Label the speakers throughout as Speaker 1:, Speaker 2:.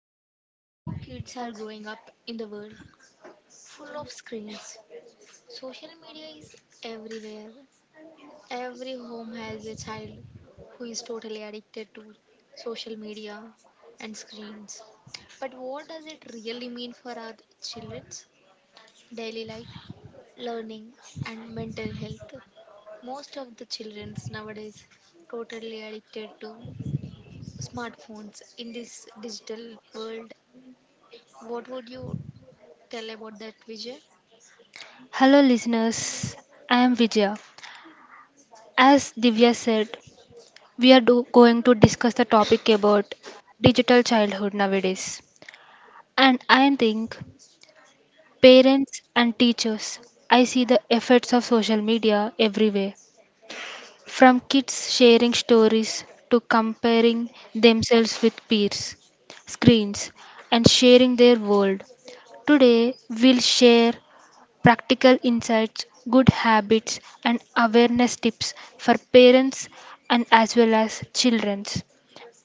Speaker 1: about how kids are growing up in the world full of screens. Social media is everywhere. Every home has a child who is totally addicted to social media and screens. But what does it really mean for our children? Daily life, learning, and mental health. Most of the children nowadays totally addicted to smartphones in this digital world. What would you tell about that, Vijay?
Speaker 2: Hello, listeners. I am Vijaya. As Divya said, we are going to discuss the topic about digital childhood nowadays. And I think parents and teachers, I see the effects of social media everywhere. From kids sharing stories to comparing themselves with peers, screens, and sharing their world. Today, we'll share practical insights, good habits, and awareness tips for parents and as well as children.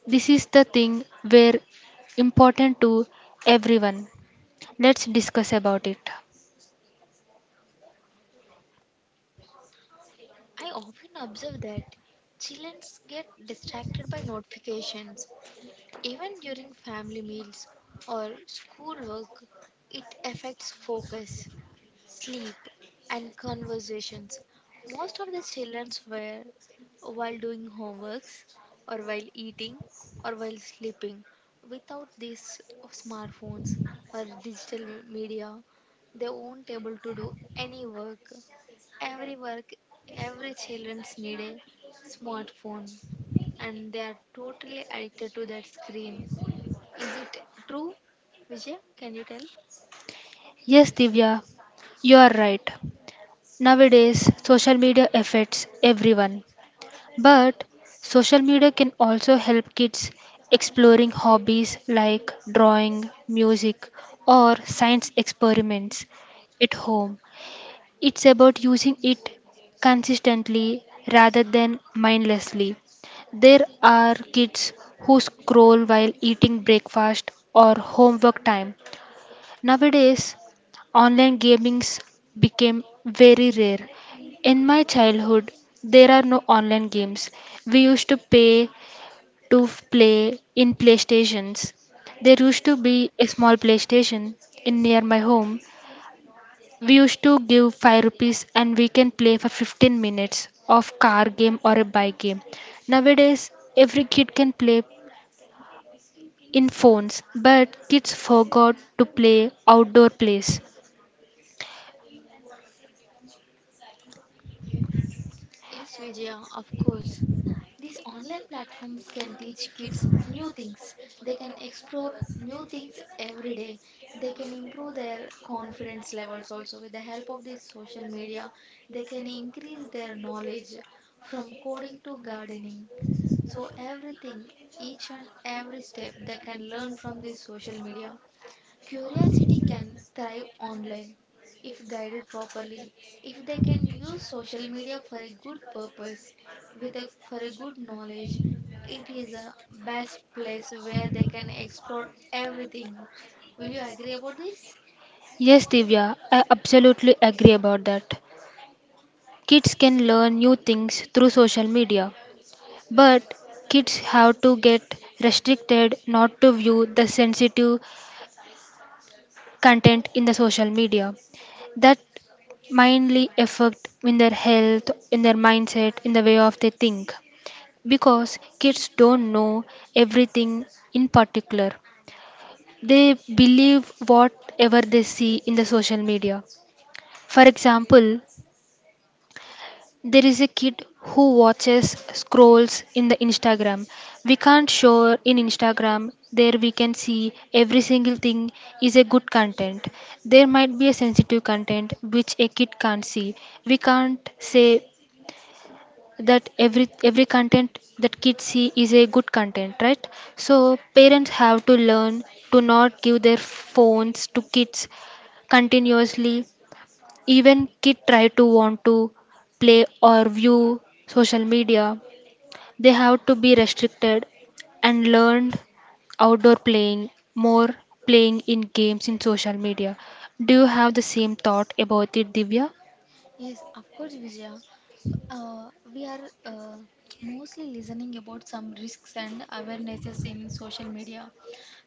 Speaker 2: This is the thing where important to everyone. Let's discuss about it.
Speaker 1: I often observe that children get distracted by notifications. Even during family meals or school work, it affects focus, sleep, and conversations. Most of the children were while doing homeworks, or while eating, or while sleeping. Without these smartphones or digital media, they won't able to do any work. Every work, every childrens need a smartphone, and they are totally addicted to that screen. Is it true, Vijay? Can you tell?
Speaker 2: Yes, Divya, you are right. Nowadays, social media affects everyone, but social media can also help kids exploring hobbies like drawing, music, or science experiments at home. It's about using it consistently rather than mindlessly. There are kids who scroll while eating breakfast or homework time. Nowadays, online gamings became very rare. In my childhood, there are no online games. We used to pay to play in PlayStations. There used to be a small PlayStation in near my home. We used to give 5 rupees and we can play for 15 minutes of car game or a bike game. Nowadays, every kid can play in phones, but kids forgot to play outdoor plays.
Speaker 1: Yes, Vijaya, of course. These online platforms can teach kids new things. They can explore new things every day. They can improve their confidence levels also with the help of this social media. They can increase their knowledge from coding to gardening. So, everything, each and every step, they can learn from this social media. Curiosity can thrive online if guided properly, if they can use social media for a good purpose, with a, for a good knowledge. It is a best place where they can explore everything. Will you agree about this?
Speaker 2: Yes, Divya, I absolutely agree about that. Kids can learn new things through social media, but kids have to get restricted not to view the sensitive content in the social media. That mindly affect in their health, in their mindset, in the way of they think. Because kids don't know everything in particular. They believe whatever they see in the social media. For example, there is a kid who watches scrolls in the Instagram. We can't show in Instagram, there we can see every single thing is a good content. There might be a sensitive content which a kid can't see. We can't say that every content that kids see is a good content, right? So parents have to learn to not give their phones to kids continuously. Even kid try to want to play or view social media, they have to be restricted and learned outdoor playing more playing in games in social media. Do you have the same thought about it, Divya?
Speaker 1: Yes, of course, Vijaya. We are mostly listening about some risks and awarenesses in social media,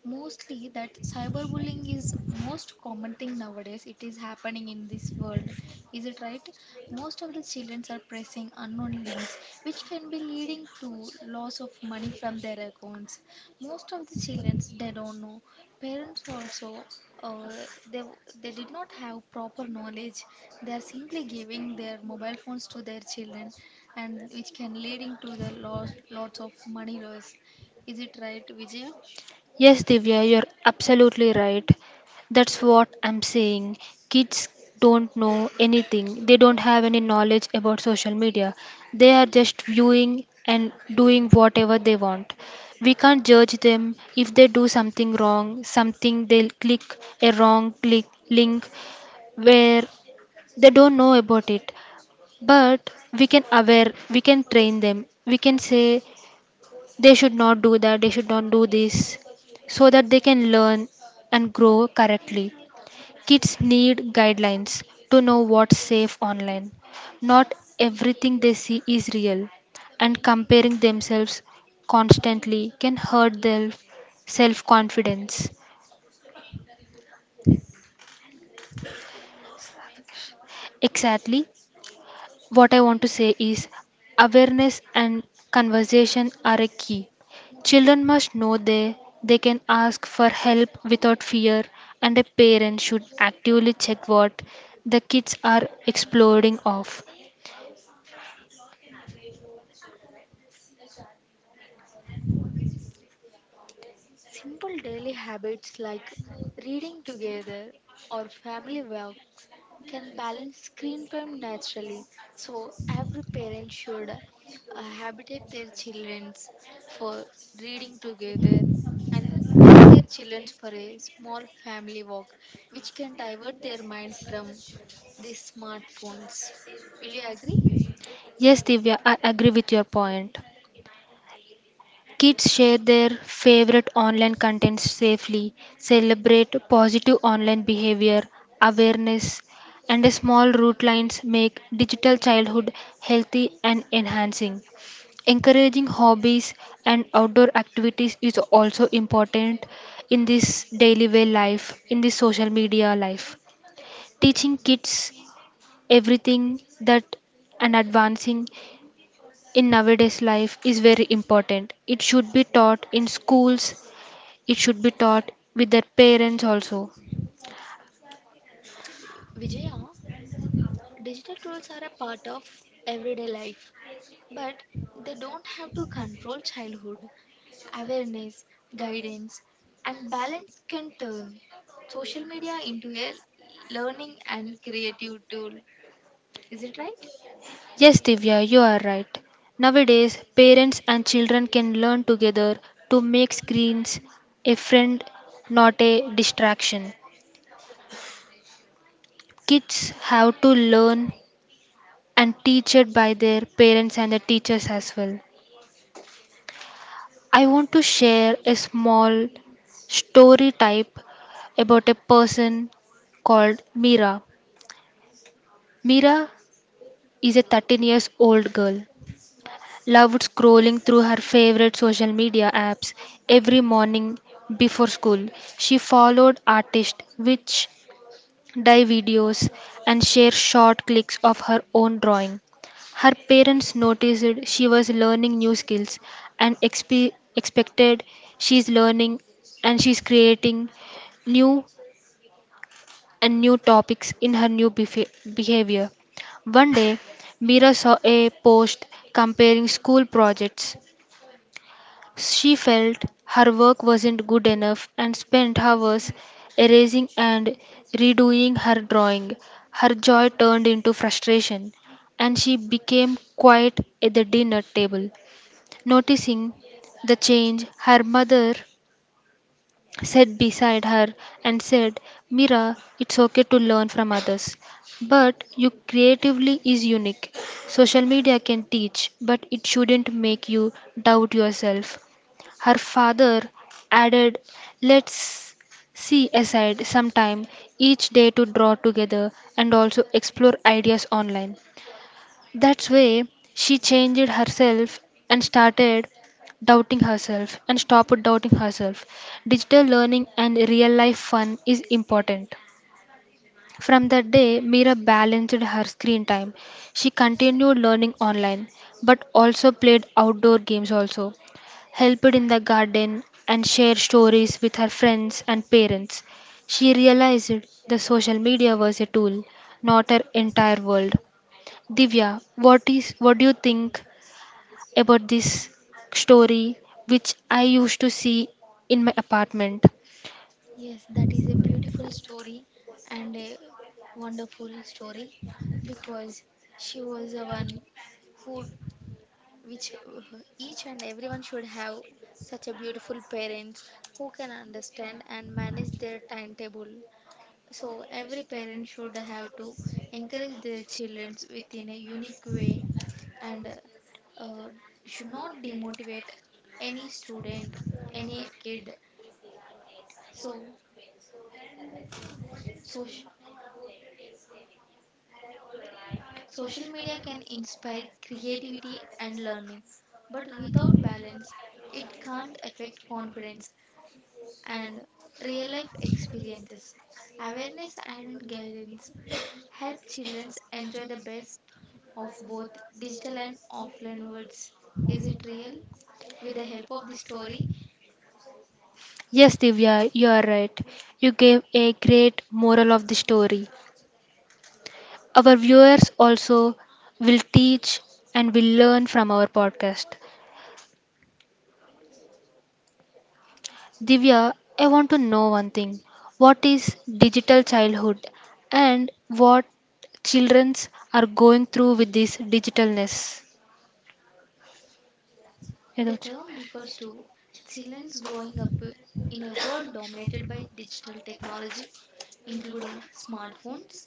Speaker 1: mostly that cyberbullying is most common thing nowadays. It is happening in this world. Is it right? Most of the children are pressing unknown links which can be leading to loss of money from their accounts. Most of the children they don't know. Parents also, uh, they w- they did not have proper knowledge. They are simply giving their mobile phones to their children, and which can leading to the loss lots of money loss. Is it right, Vijay?
Speaker 2: Yes, Divya, you're absolutely right. That's what I'm saying. Kids don't know anything, they don't have any knowledge about social media. They are just viewing and doing whatever they want. We can't judge them if they do something wrong, something they'll click a wrong click link where they don't know about it. But we can aware, we can train them. We can say they should not do that, they should not do this, so that they can learn and grow correctly. Kids need guidelines to know what's safe online. Not everything they see is real, and comparing themselves constantly can hurt their self confidence. Exactly. What I want to say is awareness and conversation are a key. Children must know they can ask for help without fear, and a parent should actively check what the kids are exploring of.
Speaker 1: Simple daily habits like reading together or family works can balance screen time naturally. So, every parent should habitate their children for reading together and take their children for a small family walk, which can divert their mind from the smartphones. Will you agree?
Speaker 2: Yes, Divya, I agree with your point. Kids share their favorite online content safely, celebrate positive online behavior, awareness, and small route lines make digital childhood healthy and enhancing. Encouraging hobbies and outdoor activities is also important in this daily way life, in this social media life. Teaching kids everything that and advancing in nowadays life is very important. It should be taught in schools, it should be taught with their parents also.
Speaker 1: Vijaya, digital tools are a part of everyday life, but they don't have to control childhood. Awareness, guidance, and balance can turn social media into a learning and creative tool. Is it right?
Speaker 2: Yes, Divya, you are right. Nowadays, parents and children can learn together to make screens a friend, not a distraction. Kids have to learn and teach it by their parents and the teachers as well. I want to share a small story type about a person called Mira. Mira is a 13 years old girl. Loved scrolling through her favorite social media apps every morning before school. She followed artists which dye videos, and share short clips of her own drawing. Her parents noticed she was learning new skills and expected she's learning and she's creating new and new topics in her new behavior. One day, Mira saw a post comparing school projects. She felt her work wasn't good enough and spent hours erasing and redoing her drawing. Her joy turned into frustration, and she became quiet at the dinner table. Noticing the change, her mother sat beside her and said, "Mira, it's okay to learn from others, but you creatively is unique. Social media can teach, but it shouldn't make you doubt yourself." Her father added, "Let's see aside some time each day to draw together and also explore ideas online." That's way she changed herself and started doubting herself and stopped doubting herself. Digital learning and real life fun is important. From that day, Mira balanced her screen time. She continued learning online, but also played outdoor games also, helped in the garden and shared stories with her friends and parents. She realized the social media was a tool, not her entire world. Divya, what do you think about this story which I used to see in my apartment?
Speaker 1: Yes, that is a beautiful story and a wonderful story because she was the one who, which each and everyone should have such a beautiful parents who can understand and manage their timetable. So every parent should have to encourage their children within a unique way, and should not demotivate any student, any kid. So, so, social media can inspire creativity and learning, but without balance, it can't affect confidence and real life experiences. Awareness and guidance help children enjoy the best of both digital and offline worlds. Is it real? With the help of the story,
Speaker 2: Yes, Divya, you are right. You gave a great moral of the story. Our viewers also will teach and will learn from our podcast. Divya, I want to know one thing. What is digital childhood and what childrens are going through with this digitalness?
Speaker 1: the term refers to children growing up in a world dominated by digital technology, including smartphones,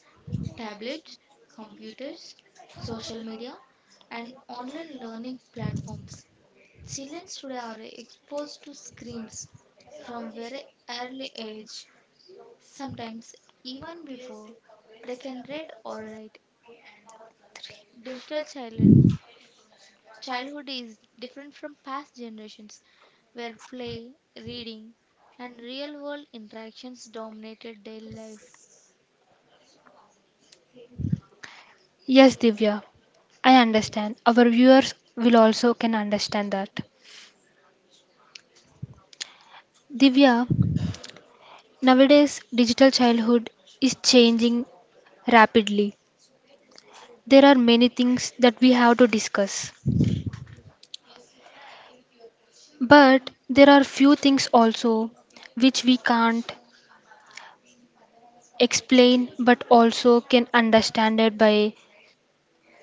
Speaker 1: tablets, computers, social media, and online learning platforms. Children today are exposed to screens from very early age, sometimes even before they can read or write. Digital children, childhood is different from past generations where play, reading, and real world interactions dominated their life.
Speaker 2: Yes, Divya, I understand. Our viewers will also can understand that. Divya, nowadays, digital childhood is changing rapidly. There are many things that we have to discuss, but there are few things also which we can't explain but also can understand it by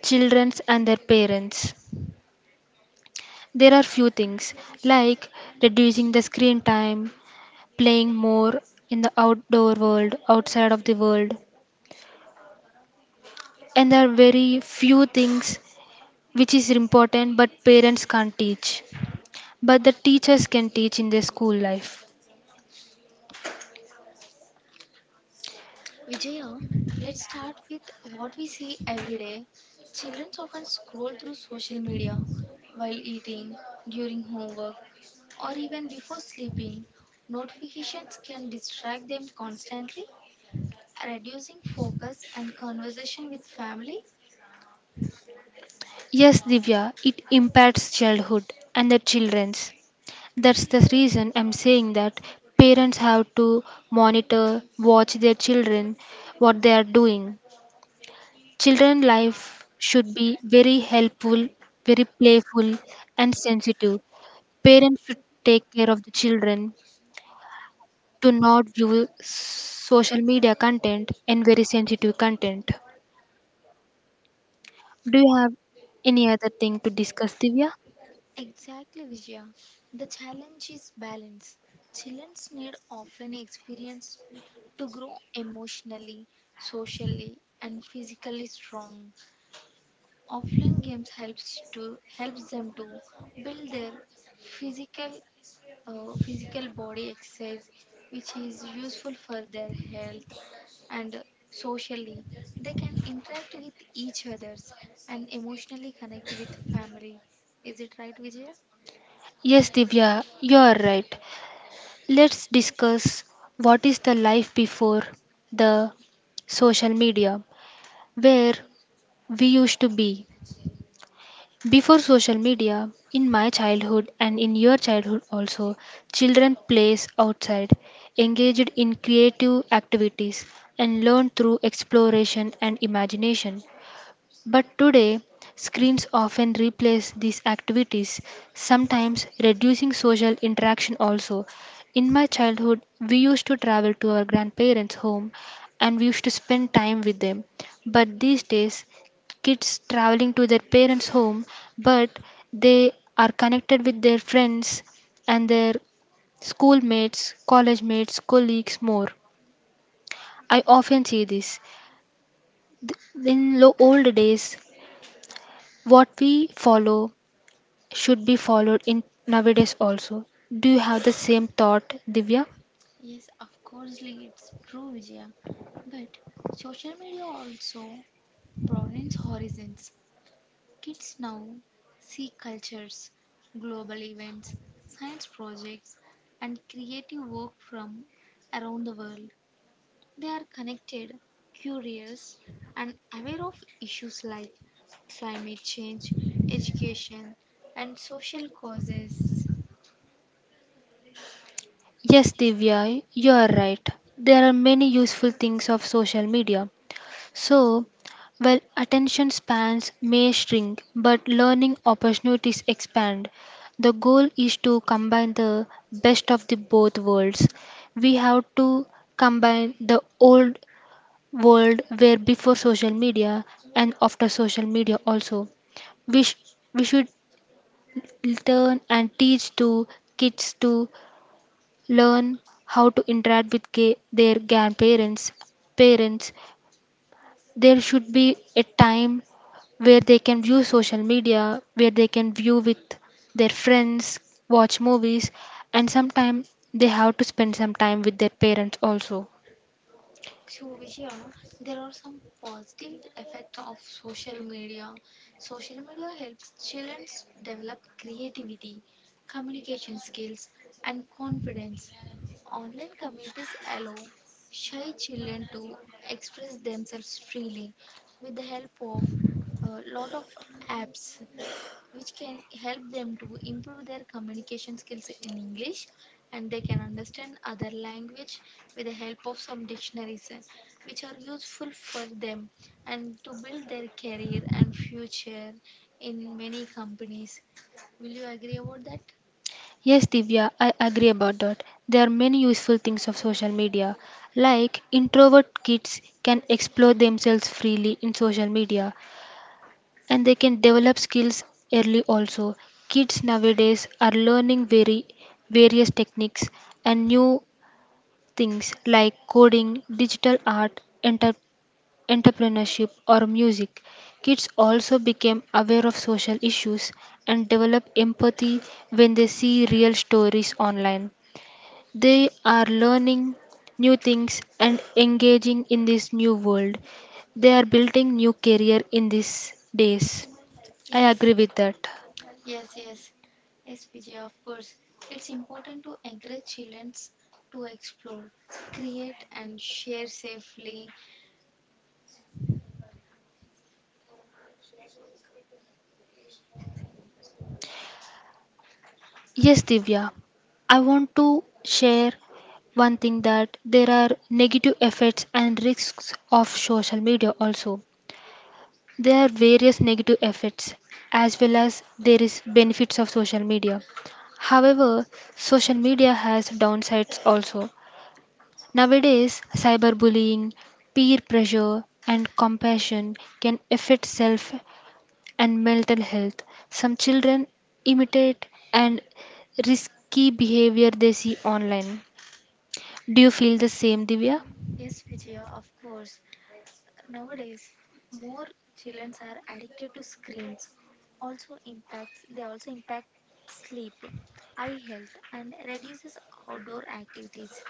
Speaker 2: children and their parents. There are few things like reducing the screen time, playing more in the outdoor world, outside of the world, and there are very few things which is important but parents can't teach but the teachers can teach in their school life.
Speaker 1: Vijaya, let's start with what we see every day. Children often scroll through social media while eating, during homework, or even before sleeping. Notifications can distract them constantly, reducing focus and conversation with family.
Speaker 2: Yes, Divya, it impacts childhood and the children's. That's the reason I'm saying that parents have to monitor, watch their children, what they are doing. Children life should be very helpful, very playful and sensitive. Parents should take care of the children to not view social media content and very sensitive content. Do you have any other thing to discuss, Divya?
Speaker 1: Exactly, Vijaya. The challenge is balance. Childrens need often experience to grow emotionally, socially, and physically strong. Offline games helps to helps them to build their physical physical body exercise, which is useful for their health and socially. They can interact with each others and emotionally connect with family. Is it right, Vijaya?
Speaker 2: Yes, Divya, you are right. Let's discuss what is the life before the social media, where we used to be. Before social media, in my childhood and in your childhood also, children plays outside, engaged in creative activities, and learned through exploration and imagination. But today, screens often replace these activities, sometimes reducing social interaction also. In my childhood, we used to travel to our grandparents' home and we used to spend time with them. But these days, kids traveling to their parents' home, but they are connected with their friends and their schoolmates, college mates, colleagues more. I often see this. In old days, what we follow should be followed in nowadays also. Do you have the same thought, Divya?
Speaker 1: Yes, of course, Lee, it's true, Vijaya. But social media also broadens horizons. Kids now see cultures, global events, science projects, and creative work from around the world. They are connected, curious, and aware of issues like climate change, education, and social causes.
Speaker 2: Yes, Divya, you are right. There are many useful things of social media. So, while attention spans may shrink, but learning opportunities expand. The goal is to combine the best of the both worlds. We have to combine the old world where before social media and after social media also we, sh- we should learn and teach to kids to learn how to interact with their grandparents, parents. There should be a time where they can view social media, where they can view with their friends, watch movies, and sometimes they have to spend some time with their parents also.
Speaker 1: So, Vijaya, there are some positive effects of social media. Social media helps children develop creativity, communication skills, and confidence. Online communities allow shy children to express themselves freely with the help of a lot of apps which can help them to improve their communication skills in English, and they can understand other language with the help of some dictionaries, which are useful for them and to build their career and future in many companies. Will you agree about that?
Speaker 2: Yes, Divya, I agree about that. There are many useful things of social media. Like introvert kids can explore themselves freely in social media, and they can develop skills early also. Kids nowadays are learning very various techniques and new things like coding, digital art, enter- entrepreneurship or music. Kids also become aware of social issues and develop empathy when they see real stories online. They are learning new things and engaging in this new world. They are building new career in these days. I
Speaker 1: Yes,
Speaker 2: agree with that.
Speaker 1: yes, yes. Yes, Vijay, of course. It's important to encourage children to explore, create, and share safely.
Speaker 2: Yes, Divya. I want to share one thing that there are negative effects and risks of social media also. There are various negative effects as well as there is benefits of social media. However, social media has downsides also. Nowadays, cyberbullying, peer pressure, and compassion can affect self and mental health. Some children imitate and risky behavior they see online. Do you feel the same, Divya?
Speaker 1: Yes, Vijay, of course. Nowadays, more children are addicted to screens. Also impacts they also impact sleep, eye health, and reduces outdoor activities.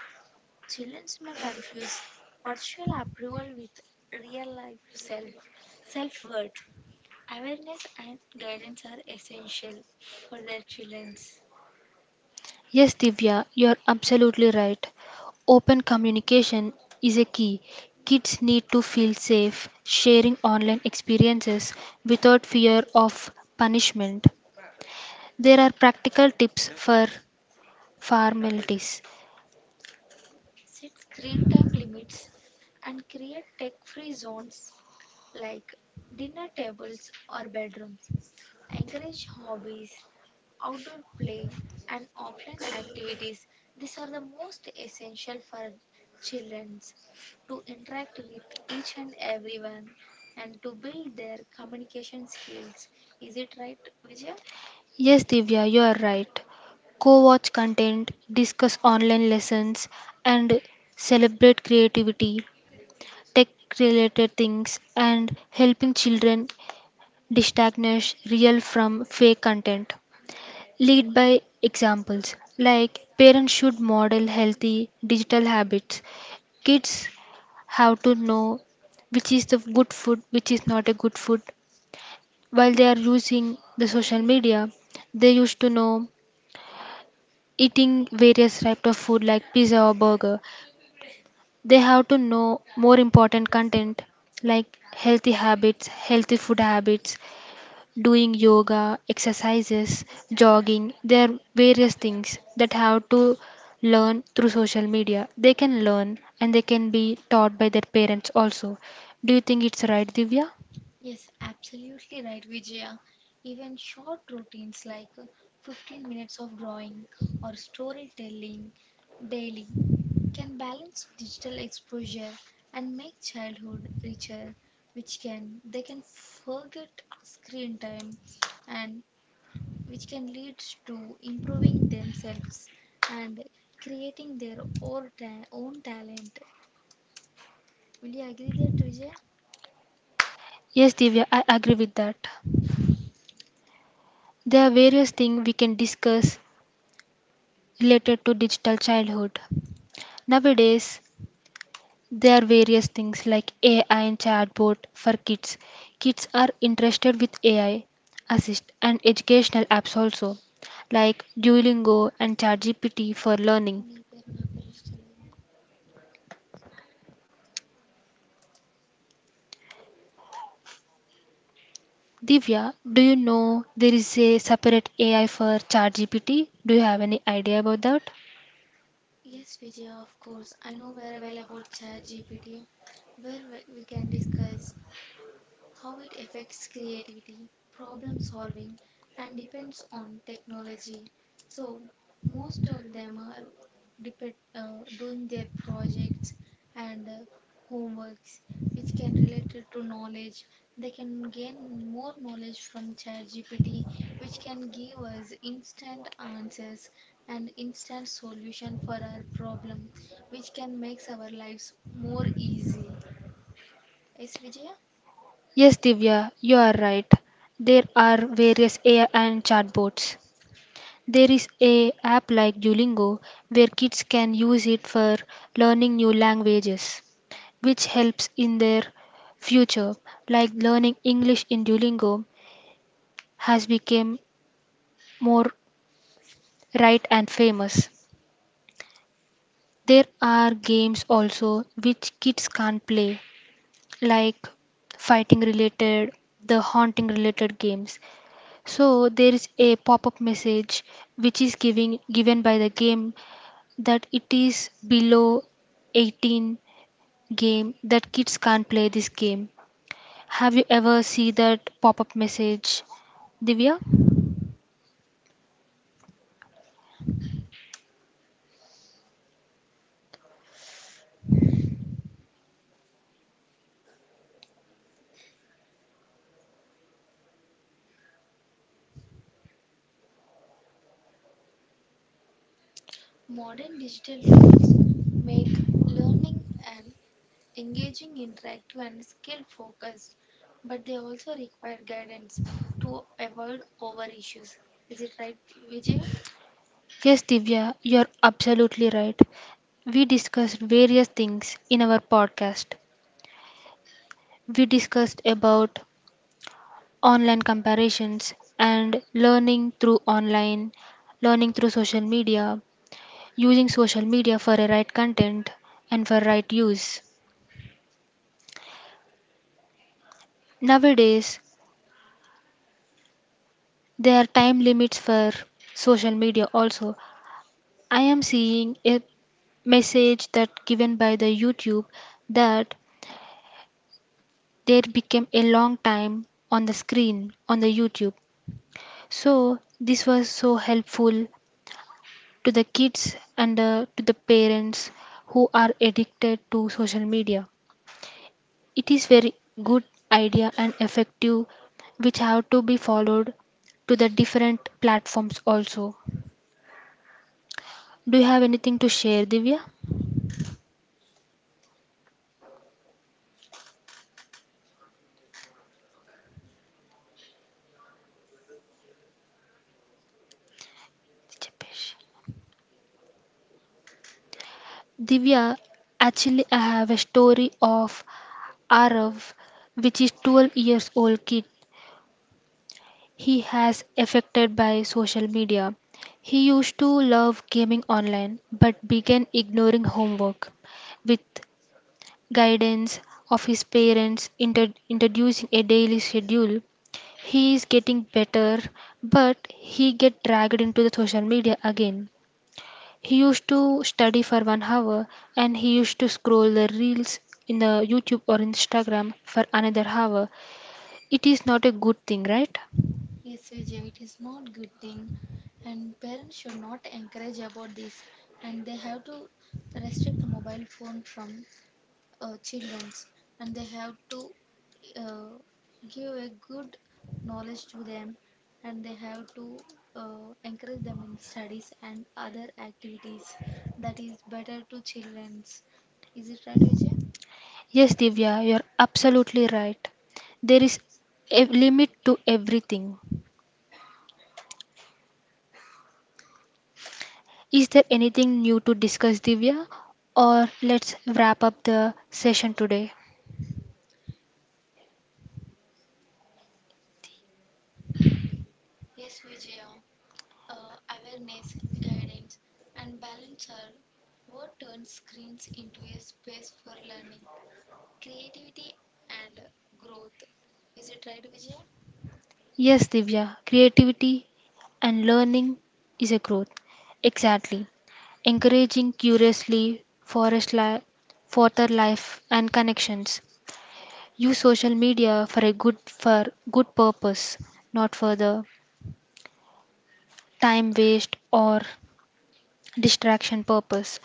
Speaker 1: Children may confuse virtual approval with real life self, self worth. Awareness and guidance are essential for their children.
Speaker 2: Yes, Divya, you are absolutely right. Open communication is a key. Kids need to feel safe sharing online experiences without fear of punishment. There are practical tips for formalities.
Speaker 1: Set screen time limits and create tech free zones like dinner tables or bedrooms. Encourage hobbies, outdoor play, and offline activities. These are the most essential for children to interact with each and everyone and to build their communication skills. Is it right, Vijaya?
Speaker 2: Yes, Divya, you are right. Co watch content, discuss online lessons, and celebrate creativity, tech related things, and helping children distinguish real from fake content. Lead by examples like parents should model healthy digital habits. Kids have to know which is the good food, which is not a good food. While they are using the social media, they used to know eating various types of food like pizza or burger. They have to know more important content like healthy habits healthy food habits, doing yoga, exercises, jogging. There are various things that have to learn through social media. They can learn and they can be taught by their parents also. Do you think it's right, Divya?
Speaker 1: Yes, absolutely right, Vijaya. Even short routines like 15 minutes of drawing or storytelling daily can balance digital exposure and make childhood richer, which can they can forget screen time and which can lead to improving themselves and creating their own talent. Will you agree that, Vijaya?
Speaker 2: Yes, Divya, I agree with that. There are various things we can discuss related to digital childhood nowadays. There are various things like AI and chatbot for kids. Kids are interested with AI assist and educational apps also, like Duolingo and ChatGPT for learning. Divya, do you know there is a separate AI for ChatGPT? Do you have any idea about that?
Speaker 1: Yes, Vijaya, of course, I know very well about chat gpt where we can discuss how it affects creativity, problem solving, and depends on technology. So, most of them are doing their projects and homeworks, which can relate it to knowledge. They can gain more knowledge from ChatGPT, which can give us instant answers and instant solution for our problem, which can makes our lives more easy. Yes, Vijaya?
Speaker 2: Yes, Divya, you are right. There are various AI and chatbots. There is a app like Duolingo where kids can use it for learning new languages, which helps in their future. Like learning English in Duolingo has become more right and famous. There are games also which kids can't play, like fighting related, the haunting related games. So there is a pop-up message which is giving given by the game that it is below 18 game that kids can't play this game. Have you ever see that pop-up message, Divya?
Speaker 1: Modern digital tools make learning an engaging, interactive, and skill focused, but they also require guidance to avoid over issues. Is it right, Vijay?
Speaker 2: Yes, Divya, you're absolutely right. We discussed various things in our podcast. We discussed about online comparisons and learning through online, learning through social media, using social media for a right content and for right use. Nowadays, there are time limits for social media also. I am seeing a message that given by the YouTube that there became a long time on the screen on the YouTube. So this was so helpful to the kids and to the parents who are addicted to social media. It is very good idea and effective, which have to be followed to the different platforms also. Do you have anything to share, Divya? Divya, actually, I have a story of Arav, which is 12 years old kid. He has affected by social media. He used to love gaming online, but began ignoring homework. With guidance of his parents, introducing a daily schedule, he is getting better, but he get dragged into the social media again. He used to study for 1 hour and he used to scroll the reels in the YouTube or Instagram for another hour. It is not a good thing, right?
Speaker 1: Yes, Vijay, it is not good thing, and parents should not encourage about this, and they have to restrict mobile phone from childrens, and they have to uh, give a good knowledge to them, and they have to encourage them in studies and other activities that is better to children's. Is it right, Vijay?
Speaker 2: Yes, Divya, you're absolutely right. There is a limit to everything. Is there anything new to discuss, Divya? Or let's wrap up the session today.
Speaker 1: Yes, Vijaya, awareness, guidance, and balance are what turns screens into a space for learning, creativity, and growth. Is it right, Vijay?
Speaker 2: Yes, Divya, creativity and learning is a growth. Exactly. Encouraging curiously forest further life and connections. Use social media for a good purpose, not for the time waste or distraction purpose.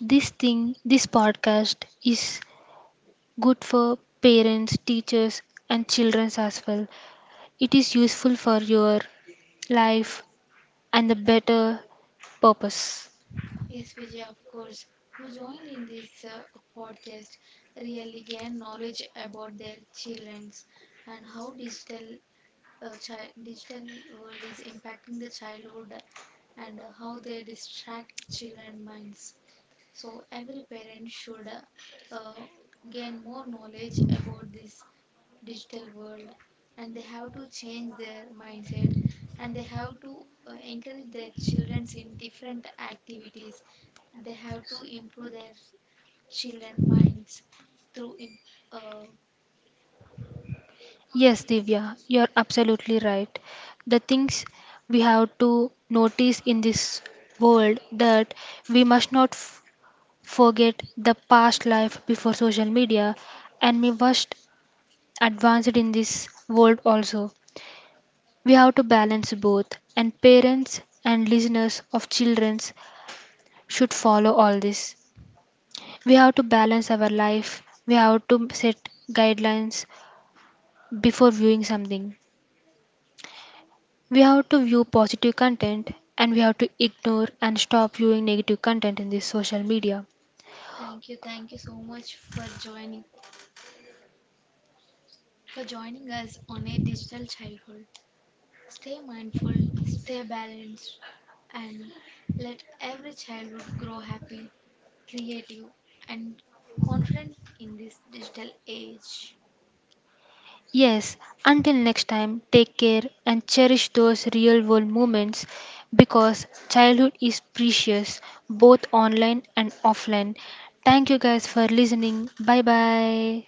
Speaker 2: This podcast is good for parents, teachers and children as well. It is useful for your life and the better purpose.
Speaker 1: Yes, Vijay, of course, who joined in this podcast really gain knowledge about their childrens and how digital, digital world is impacting the childhood, and how they distract children minds. So every parent should uh, gain more knowledge about this digital world, and they have to change their mindset, and they have to encourage their children in different activities. They have to improve their children minds through. Uh,
Speaker 2: Yes, Divya, you're absolutely right. The things we have to notice in this world, that we must not forget the past life before social media, and we must advance it in this world also. We have to balance both, and parents and listeners of children should follow all this. We have to balance our life. We have to set guidelines before viewing something. We have to view positive content and we have to ignore and stop viewing negative content in this social media.
Speaker 1: Thank you, thank you so much for joining us on a digital childhood. Stay mindful, stay balanced, and let every childhood grow happy, creative, and confident in this digital age.
Speaker 2: Yes, until next time, take care and cherish those real world moments because childhood is precious both online and offline. Thank you guys for listening. Bye bye.